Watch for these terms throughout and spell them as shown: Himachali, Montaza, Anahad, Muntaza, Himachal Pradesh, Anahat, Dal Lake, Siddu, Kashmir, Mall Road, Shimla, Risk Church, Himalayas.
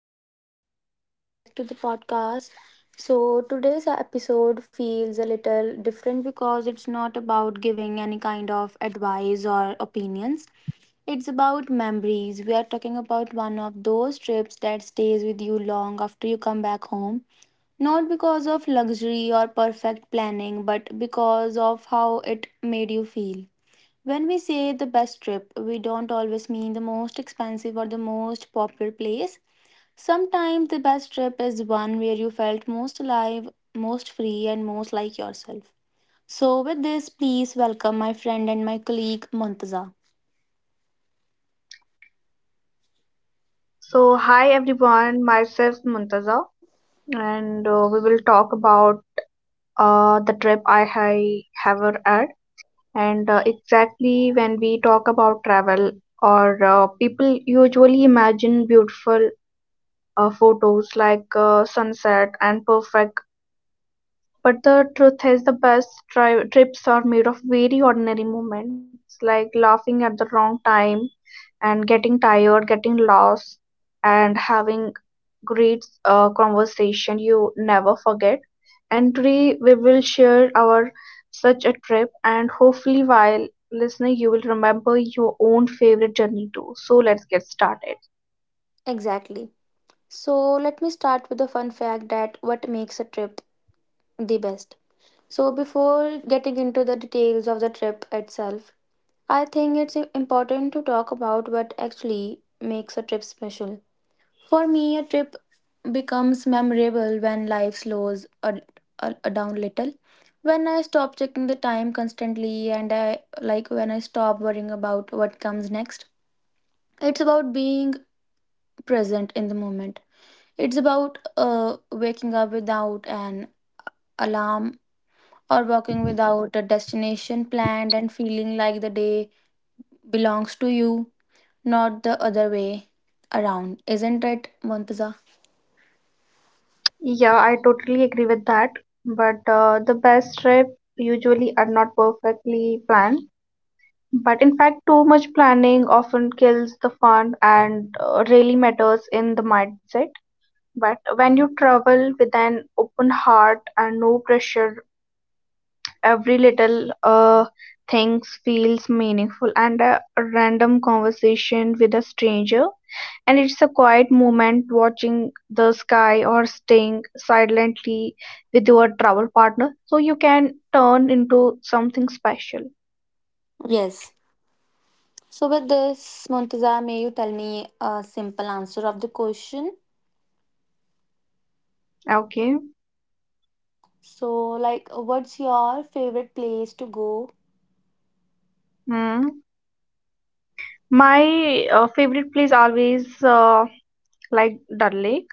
Anahad and welcome back to the podcast. So today's episode feels a little different because it's not about giving any kind of advice or opinions. It's about memories. We are talking about one of those trips that stays with you long after you come back home. Not because of luxury or perfect planning, but because of how it made you feel. When we say the best trip, we don't always mean the most expensive or the most popular place. Sometimes the best trip is one where you felt most alive, most free, and most like yourself. So, with this, please welcome my friend and my colleague Montaza. So, hi everyone, myself Muntaza, and we will talk about the trip I have had. And Exactly when we talk about travel, or people usually imagine beautiful photos like sunset and perfect but the truth is, the best trips are made of very ordinary moments, like laughing at the wrong time and getting tired, getting lost, and having great conversation you never forget. And today we will share our such a trip, and hopefully, while listening, you will remember your own favorite journey too. So let's get started. Exactly. So, let me start with the fun fact that what makes a trip the best. So, before getting into the details of the trip itself, I think it's important to talk about what actually makes a trip special. For me, a trip becomes memorable when life slows a down little. When I stop checking the time constantly and I like when I stop worrying about what comes next. It's about being present in the moment. It's about waking up without an alarm or walking without a destination planned and feeling like the day belongs to you, not the other way around. Isn't it, Montaza? Yeah, I totally agree with that. But the best trip usually are not perfectly planned. But in fact, too much planning often kills the fun and really matters in the mindset. But when you travel with an open heart and no pressure, every little things feels meaningful. And a random conversation with a stranger and it's a quiet moment watching the sky or staying silently with your travel partner so you can turn into something special. Yes. So, with this, Muntaza, may you tell me a simple answer of the question? Okay. So, like, what's your favorite place to go? Hmm. My favorite place always like Dal Lake.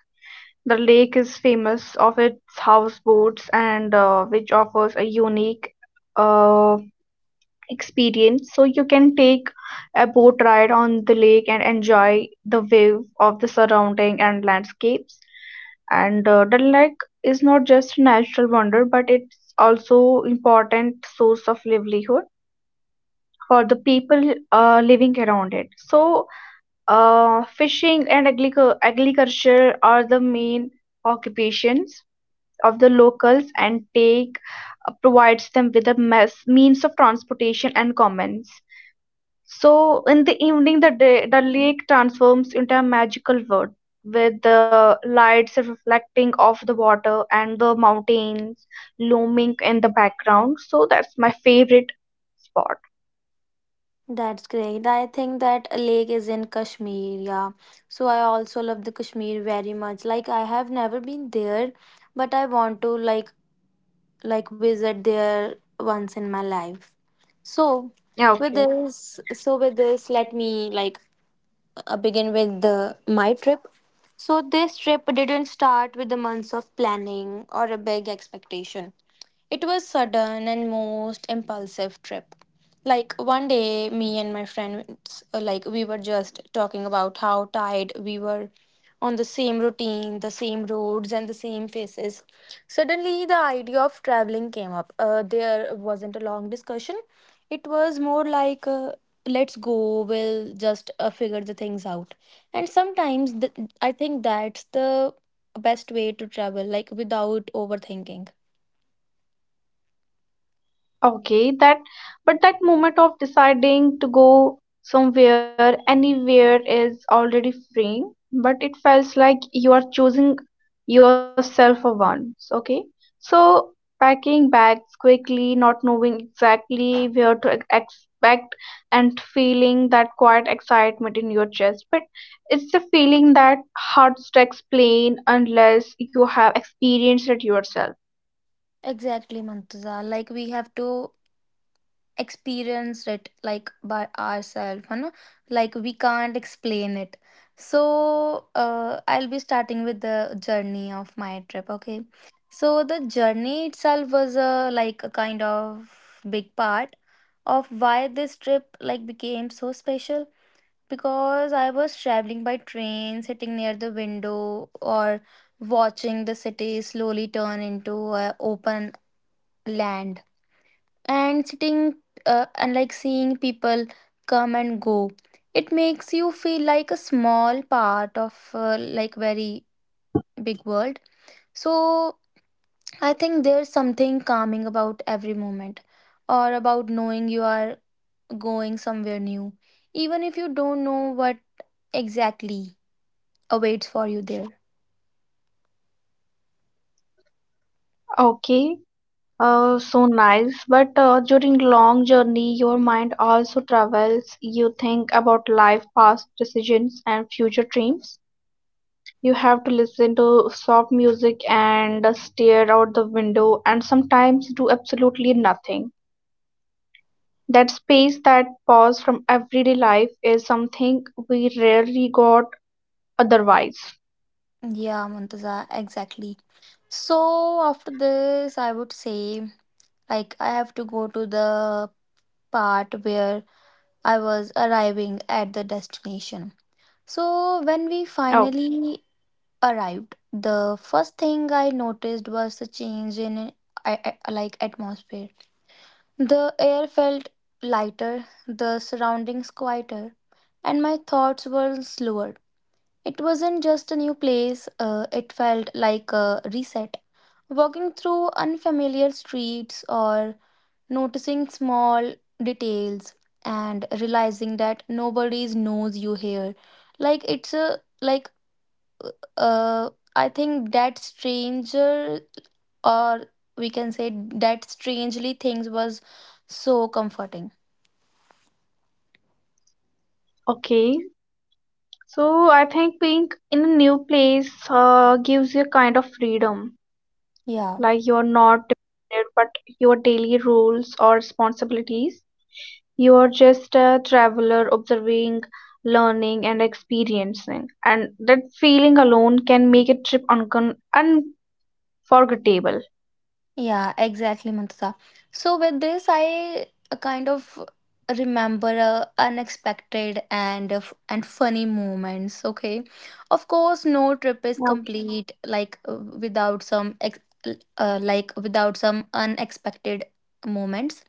The lake is famous of its houseboats and which offers a unique uh, experience so you can take a boat ride on the lake and enjoy the wave of the surrounding and landscapes and the lake is not just a natural wonder but it's also important source of livelihood for the people living around it so fishing and agriculture are the main occupations of the locals and take provides them with a mess, means of transportation and commons so, in the evening, the, day, the lake transforms into a magical world with the lights reflecting off the water and the mountains looming in the background. So, that's my favorite spot. That's great. I think that a lake is in Kashmir, yeah. So, I also love the Kashmir very much. Like, I have never been there, but I want to like visit there once in my life. So, Yeah, with okay. this, let me like begin with my trip. So, this trip didn't start with the months of planning or a big expectation. It was sudden and most impulsive trip. Like one day me and my friends like we were just talking about how tired we were on the same routine, the same roads and the same faces. Suddenly the idea of traveling came up. There wasn't a long discussion. It was more like let's go we'll just figure the things out. And sometimes I think that's the best way to travel like without overthinking. Okay, that but that moment of deciding to go somewhere, anywhere is already freeing, but it feels like you are choosing yourself for once, okay? So packing bags quickly, not knowing exactly where to expect and feeling that quiet excitement in your chest. But it's a feeling that hard to explain unless you have experienced it yourself. Exactly, Mantaza. Like we have to experience it like by ourselves. Like we can't explain it. So I'll be starting with the journey of my trip. Okay. So the journey itself was a like a kind of big part of why this trip like became so special because I was traveling by train, sitting near the window or watching the city slowly turn into a open land and sitting and like seeing people come and go. It makes you feel like a small part of like very big world. So I think there's something calming about every moment or about knowing you are going somewhere new even if you don't know what exactly awaits for you there. Okay. So nice. But during long journey, your mind also travels. You think about life, past decisions, and future dreams. You have to listen to soft music and stare out the window, and sometimes do absolutely nothing. That space, that pause from everyday life, is something we rarely got otherwise. Yeah, Montaza, exactly. So after this, I would say like I have to go to the part where I was arriving at the destination. So, when we Oh, finally arrived, the first thing I noticed was the change in I, like atmosphere. The air felt lighter, the surroundings quieter, and my thoughts were slower. It wasn't just a new place, it felt like a reset. Walking through unfamiliar streets or noticing small details and realizing that nobody knows you here like it's a like uh I think that stranger or we can say that strangely things was so comforting. okay. So I think being in a new place gives you a kind of freedom Yeah, like you're not dependent but your daily rules or responsibilities you're just a traveler observing learning and experiencing and that feeling alone can make a trip uncon unforgettable. yeah, exactly, Mantusa. So with this, I kind of remember unexpected and and funny moments. Okay, of course, no trip is Okay. complete like without some like without some unexpected moments.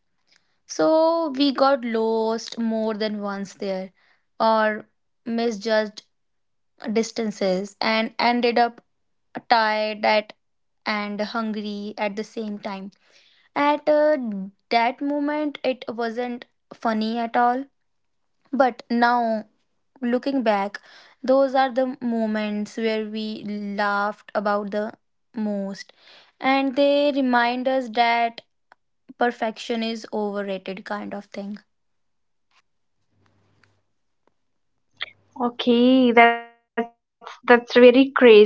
So we got lost more than once there, or misjudged distances, and ended up tired at and hungry at the same time at that moment, it wasn't funny at all. But now, looking back, those are the moments where we laughed about the most. And they remind us that perfection is overrated, kind of thing. Okay, that's very crazy.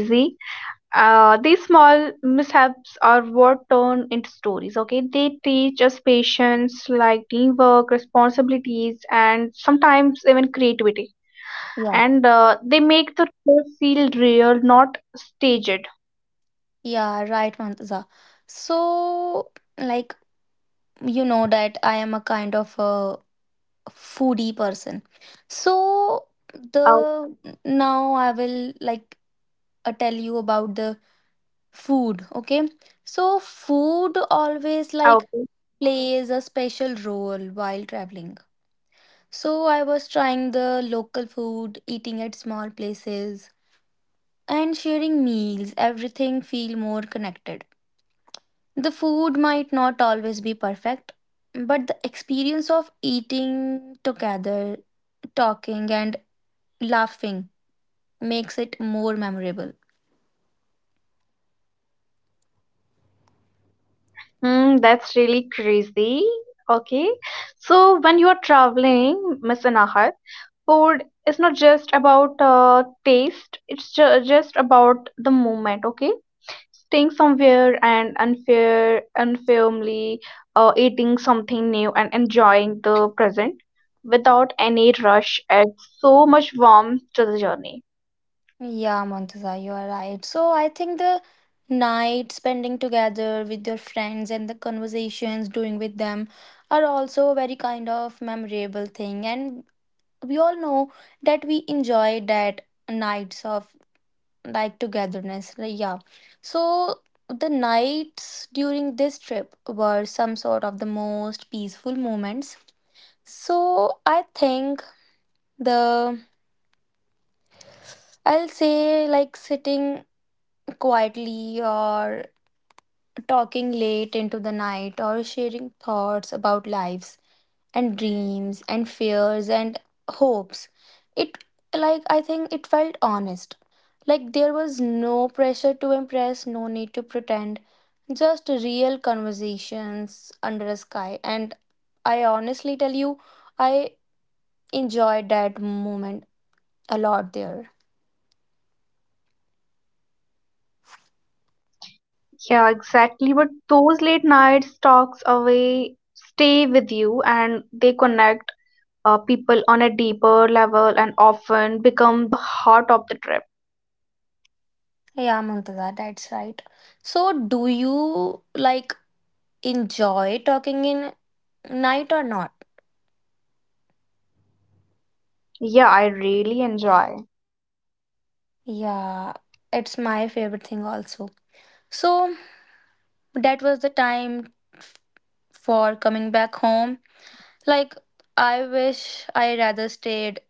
These small mishaps are what turn into stories. Okay, they teach us patience like teamwork responsibilities and sometimes even creativity Yeah. and they make the trip feel real, not staged. Yeah, right, Mantaza. So, like, you know that I am a kind of a foodie person. So the Oh, now I will like tell you about the food, okay? So food always like okay. plays a special role while traveling. So I was trying the local food, eating at small places and sharing meals, everything feel more connected. The food might not always be perfect, but the experience of eating together, talking and laughing makes it more memorable. Hmm, that's really crazy. Okay. So when you are traveling, Miss Anahat, food is not just about taste, it's just about the moment, okay? Staying somewhere and unfair, unfairly eating something new and enjoying the present without any rush adds so much warmth to the journey. Yeah, Montaza, you are right. So I think the night spending together with your friends and the conversations doing with them are also a very kind of memorable thing. And we all know that we enjoy that nights of like togetherness. Like, yeah. So the nights during this trip were some sort of the most peaceful moments. So I think the I'll say like sitting quietly or talking late into the night or sharing thoughts about lives and dreams and fears and hopes. It like I think it felt honest. Like there was no pressure to impress, no need to pretend. Just real conversations under a sky and I honestly tell you I enjoyed that moment a lot there. Yeah, exactly. But those late nights talks away stay with you and they connect people on a deeper level and often become the heart of the trip. Yeah, Muntaza, that's right. So, do you like enjoy talking in night or not? Yeah, I really enjoy. Yeah, it's my favorite thing also. So, that was the time for coming back home. Like, I wish I rather stayed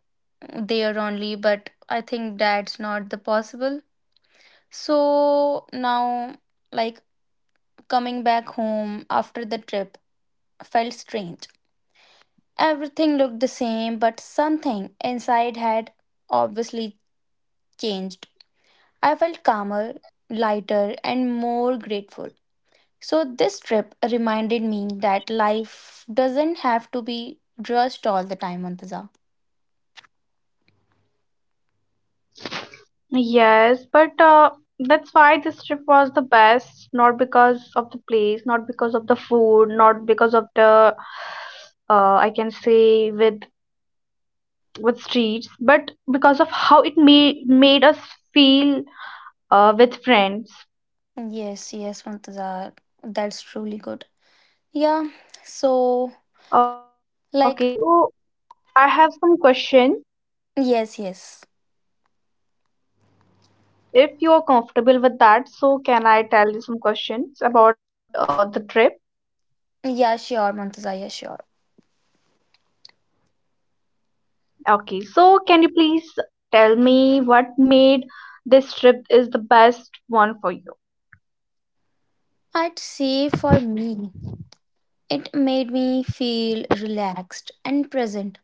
there only, but I think that's not the possible. So, now, like, coming back home after the trip felt strange. Everything looked the same, but something inside had obviously changed. I felt calmer, lighter, and more grateful. So, this trip reminded me that life doesn't have to be rushed all the time, Mantaza. Yes, but that's why this trip was the best, not because of the place, not because of the food, not because of the I can say with streets, but because of how it made us feel with friends. Yes, yes, Mantaza. That's truly good. Yeah, so, Okay, like, so I have some question. yes, yes. If you are comfortable with that, so can I tell you some questions about the trip? Yeah, sure, Mantaza, yeah, sure. Okay, so can you please tell me what made this trip is the best one for you? I'd say for me, it made me feel relaxed and present.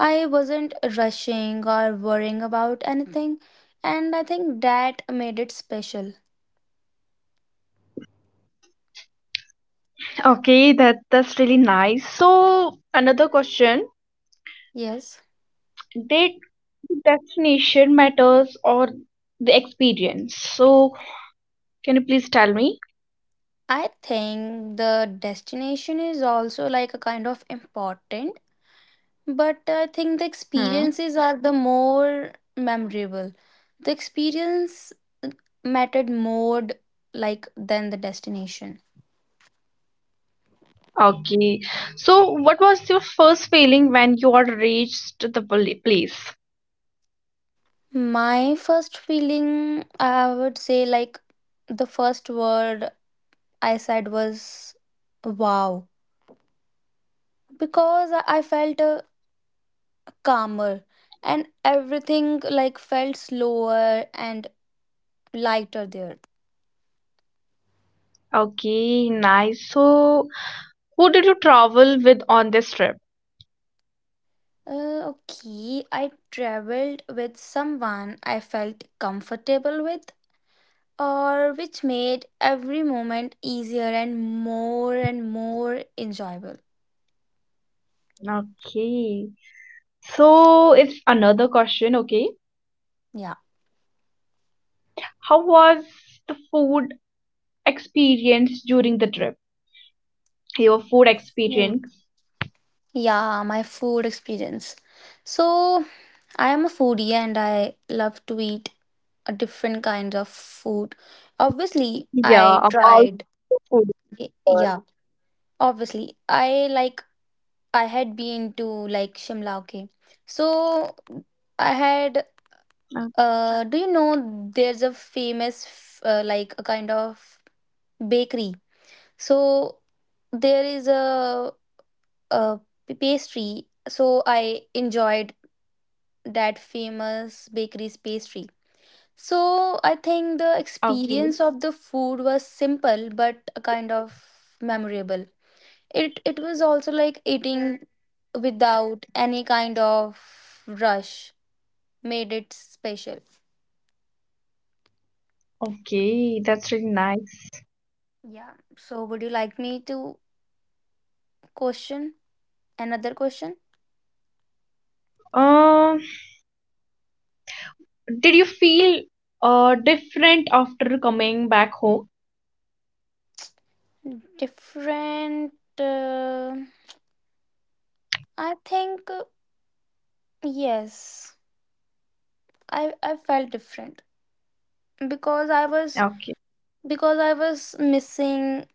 I wasn't rushing or worrying about anything, and I think that made it special. Okay, that's really nice. So another question, Yes. did the destination matters or the experience? So can you please tell me? I think the destination is also like a kind of important, but I think the Hmm. experiences are the more memorable. The experience mattered more like than the destination. Okay. So, what was your first feeling when you had reached the place? My first feeling, I would say like the first word I said was wow because I felt calmer and everything like felt slower and lighter there. Okay, nice. So, who did you travel with on this trip? Okay, I traveled with someone I felt comfortable with or which made every moment easier and more enjoyable. Okay. So, it's another question. Okay. Yeah, How was the food experience during the trip? Your food food, experience? yeah, my food experience. So I am a foodie and I love to eat different kinds of food, obviously. Yeah, I I'm also tried food. Girl. Yeah, obviously. I like I had been to like Shimla, okay. So Uh, I had do you know there's a famous like a kind of bakery. So there is a pastry. So I enjoyed that famous bakery's pastry. So I think the Okay. experience of the food was simple but a kind of memorable. It was also like eating without any kind of rush made it special. Okay, that's really nice. Yeah. So would you like me to question another question? Um, Did you feel different after coming back home? Different. Uh, I think yes. I felt different because I was Okay. because I was missing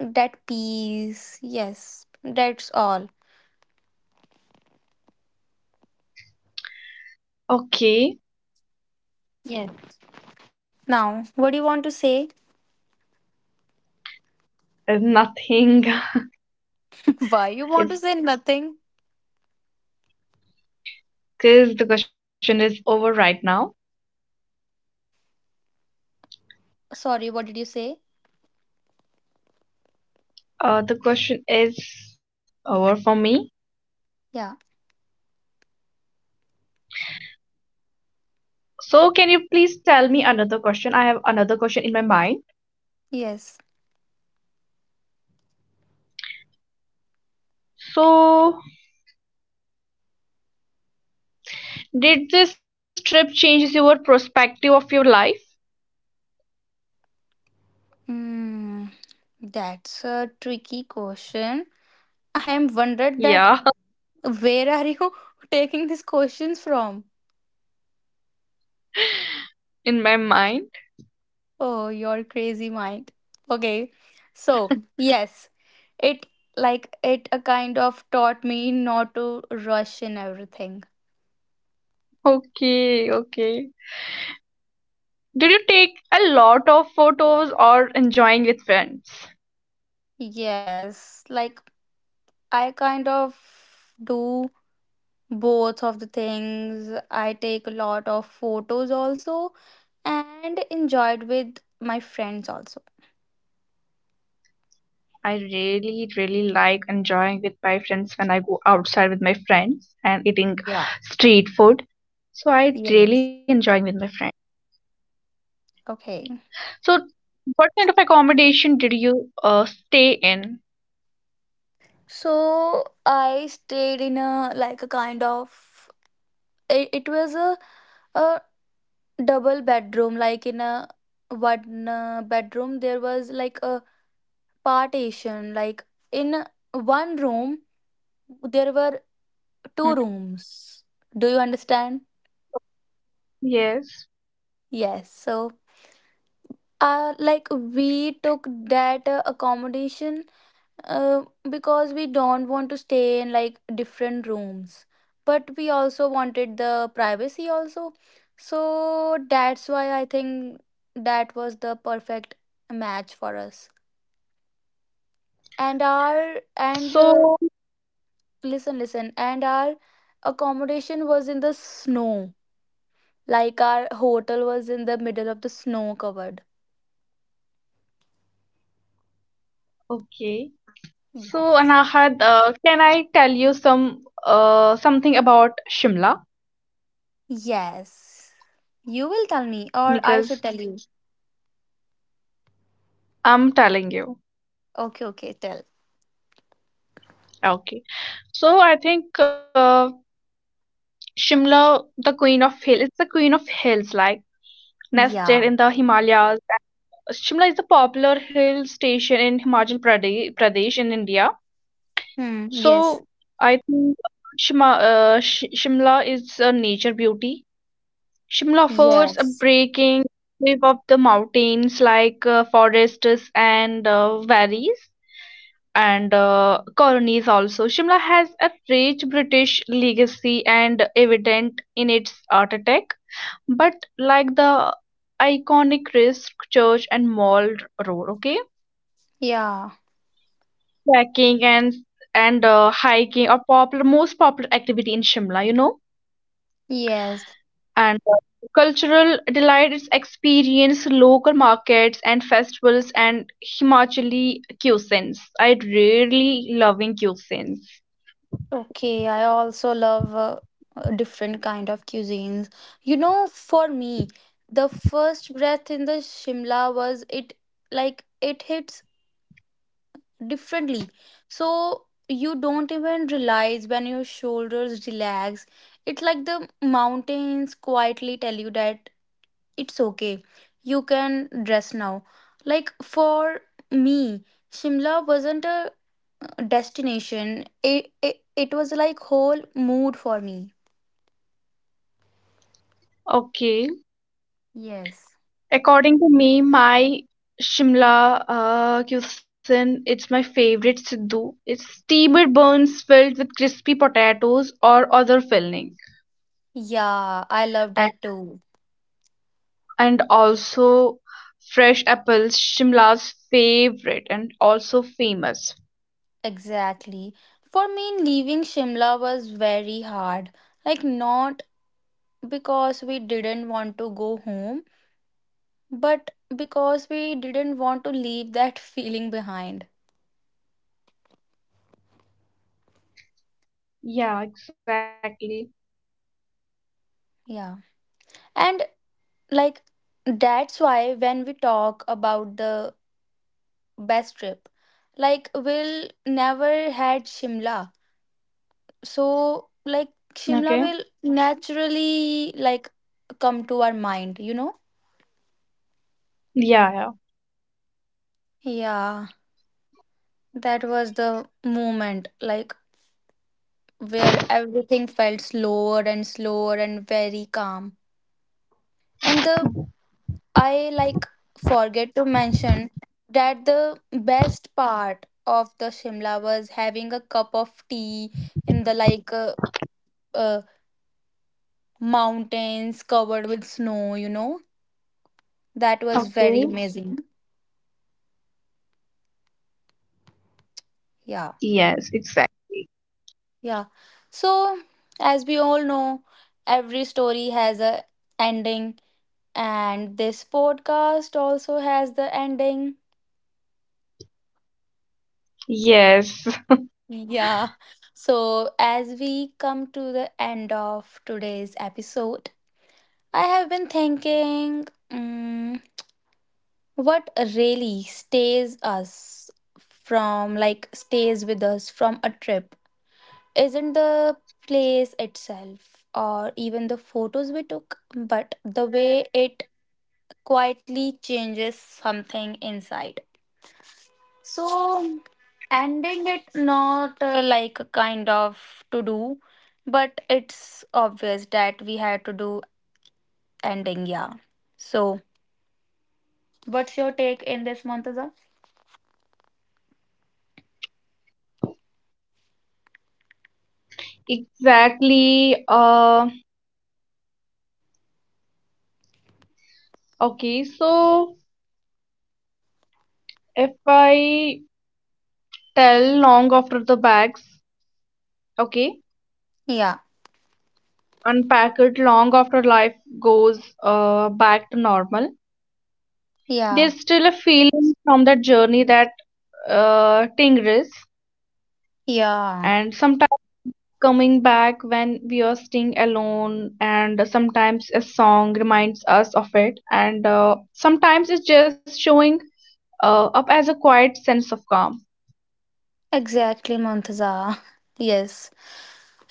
that peace. Yes, that's all. Okay. Yes. Now, what do you want to say? There's nothing. Why you want to say It's nothing? because the question is over right now. Sorry, what did you say? The question is over for me. Yeah, So, can you please tell me another question? I have another question in my mind. yes. So, did this trip change your perspective of your life? Mm, that's a tricky question. I am wondered that Yeah, where are you taking these questions from? in my mind. Oh, your crazy mind. Okay. So, yes, it like it a kind of taught me not to rush in everything. Okay, okay. Did you take a lot of photos or enjoying with friends? Yes, like I kind of do both of the things. I take a lot of photos also and enjoyed with my friends also. I really, really like enjoying with my friends when I go outside with my friends and eating Yeah. street food. So I really Yes. enjoying with my friends. Okay. So what kind of accommodation did you stay in? So I stayed in a like a kind of it was a double bedroom like in a one bedroom there was like a partition like in one room there were Mm, two rooms. Do you understand? yes. Yes. So like we took that accommodation uh, because we don't want to stay in like different rooms but we also wanted the privacy also so that's why I think that was the perfect match for us and our So and listen, listen, and our accommodation was in the snow like our hotel was in the middle of the snow covered. okay. So Yes. Anahat, can I tell you some something about Shimla? Yes. You will tell me, or Because I should tell you. I'm telling you. Okay, okay, tell. Okay. So I think Shimla, the queen of hill, it's the queen of hills, like. Nested Yeah. in the Himalayas. Shimla is a popular hill station in Pradesh in India. Hmm. Yes. So I think Shimla is a nature beauty. Shimla offers a Yes. breaking wave of the mountains like forests and valleys and colonies also. Shimla has a rich British legacy and evident in its architect. But like the iconic Risk Church and Mall Road, okay? Yeah. Trekking And hiking are popular most popular activity in Shimla, you know. Yes. And Cultural delight is experience local markets and festivals and Himachali cuisines. I really loving cuisines. Okay. I also love different kind of cuisines. You know, for me, the first breath in the Shimla was it like it hits differently. So you don't even realize when your shoulders relax. It's like the mountains quietly tell you that it's okay. You can dress now. Like for me, Shimla wasn't a destination. It was like whole mood for me. Okay. Yes. According to me, my Shimla cuisine, it's my favorite Siddu. It's steamer buns filled with crispy potatoes or other filling, Yeah, I love and, that too. and also fresh apples, Shimla's favorite and also famous. Exactly. For me, leaving Shimla was very hard. Like, not because we didn't want to go home, but because we didn't want to leave that feeling behind. Yeah, exactly. Yeah. And. like that's why when we talk about the best trip, like we'll never had Shimla, so Okay. like Shimla will naturally like come to our mind. Yeah, yeah. Yeah, that was the moment like where everything felt slower and slower and very calm. And the, I like forget to mention that the best part of the Shimla was having a cup of tea in the like uh, mountains covered with snow, you know. That was very Okay. amazing. Yeah. Yes, exactly. Yeah. So, as we all know, every story has a ending and this podcast also has the ending. Yes, Yeah. So, as we come to the end of today's episode, I have been thinking, what really stays with us from a trip isn't the place itself or even the photos we took, but the way it quietly changes something inside. So ending it not like a kind of to do, but it's obvious that we had to do ending, yeah. So what's your take in this, Montaza? exactly. Okay, so if I tell long after the bags okay Yeah, unpack it long after life goes back to normal yeah, there's still a feeling from that journey that tingles yeah. and sometimes coming back when we are staying alone and sometimes a song reminds us of it and sometimes it's just showing up as a quiet sense of calm. Exactly, Montaza. Yes.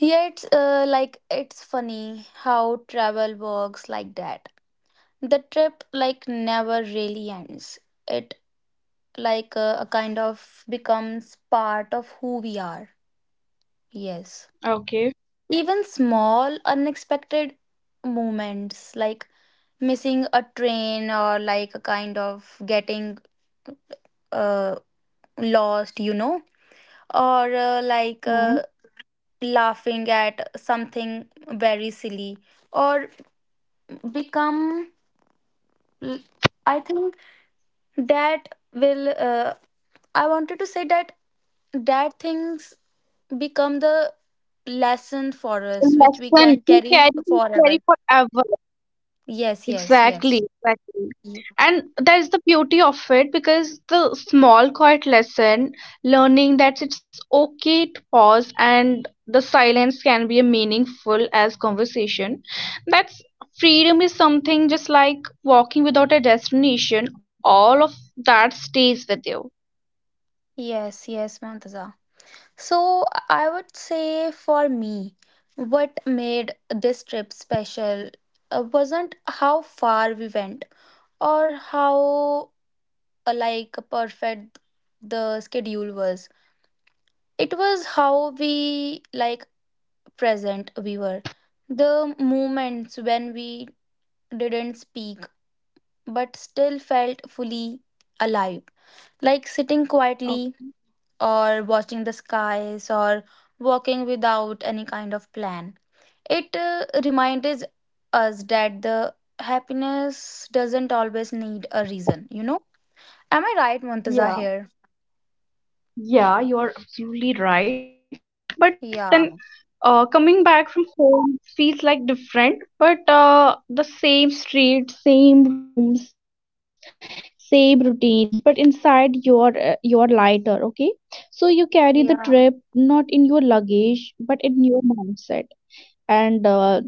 Yeah, it's like it's funny how travel works like that. The trip like never really ends. It like a kind of becomes part of who we are. Yes. Okay. Even small unexpected moments, like missing a train or like a kind of getting uh, lost, you know, or Mhm. Laughing at something very silly or become, I think that will I wanted to say that that things become the lesson for A us which we lesson can carry you carry forever. forever. Yes, yes, yes. Exactly, exactly. Ye- And that is the beauty of it because the small, quiet lesson, learning that it's okay to pause and the silence can be a meaningful as conversation. That's freedom is something just like walking without a destination, all of that stays with you. yes, yes, Montaza. So I would say for me, what made this trip special wasn't how far we went or how like perfect the schedule was. It was how we like present we were. The moments when we didn't speak but still felt fully alive, like sitting Oh, quietly or watching the skies or walking without any kind of plan, it reminds us that the happiness doesn't always need a reason, you know. Am I right, Montaza, yeah. here? Yeah, you are absolutely right. But then Yeah, uh, coming back from home feels like different, but the same street, same rooms, same routines. But inside you're lighter, okay? So you carry the yeah, trip not in your luggage, but in your mindset. And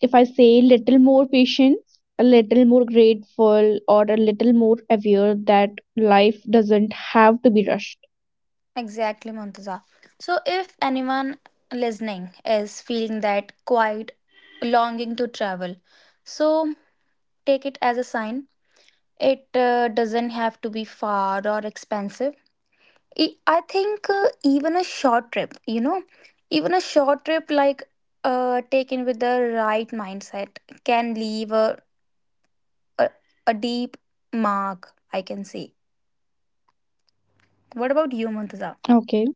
if I say little more patience, a little more grateful, or a little more aware that life doesn't have to be rushed. exactly, Muntaza. So, if anyone listening is feeling that quiet longing to travel, so take it as a sign. It doesn't have to be far or expensive. I think even a short trip, you know, even a short trip like taken with the right mindset can leave a, a deep mark, I can see. What about you, Muntaza? Okay.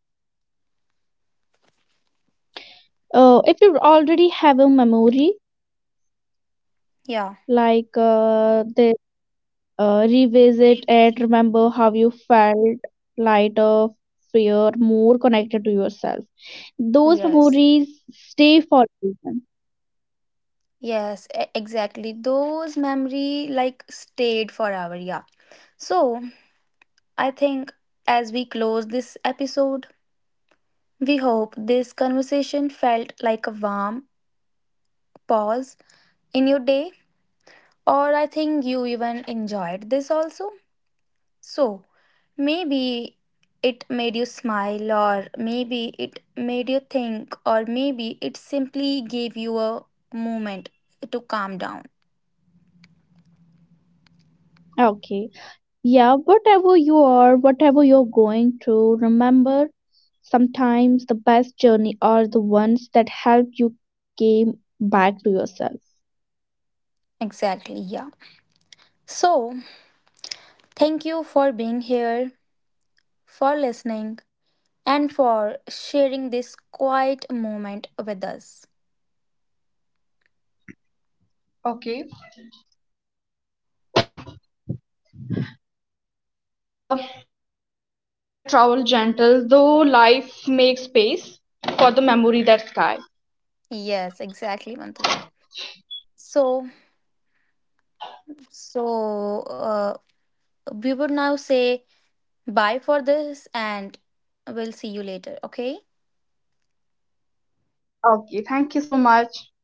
If you already have a memory, Yeah. like the revisit it, remember how you felt, lighter, fear, more connected to yourself. Those Yes. memories stay for a reason. Yes, exactly. Those memory like stayed forever, yeah. So, I think as we close this episode, we hope this conversation felt like a warm pause in your day, or I think you even enjoyed this also. So, maybe it made you smile, or maybe it made you think, or maybe it simply gave you a moment to calm down. Okay. Yeah, whatever you are, whatever you're going through, remember sometimes the best journey are the ones that help you came back to yourself. Exactly, yeah. So, thank you for being here, for listening, and for sharing this quiet moment with us. Okay. Until next time, take care, travel gentle, though life makes space for the memory that sky. Yes, exactly, Mantuza. So, so uh, we would now say bye for this, and we'll see you later. Okay. Okay, thank you so much.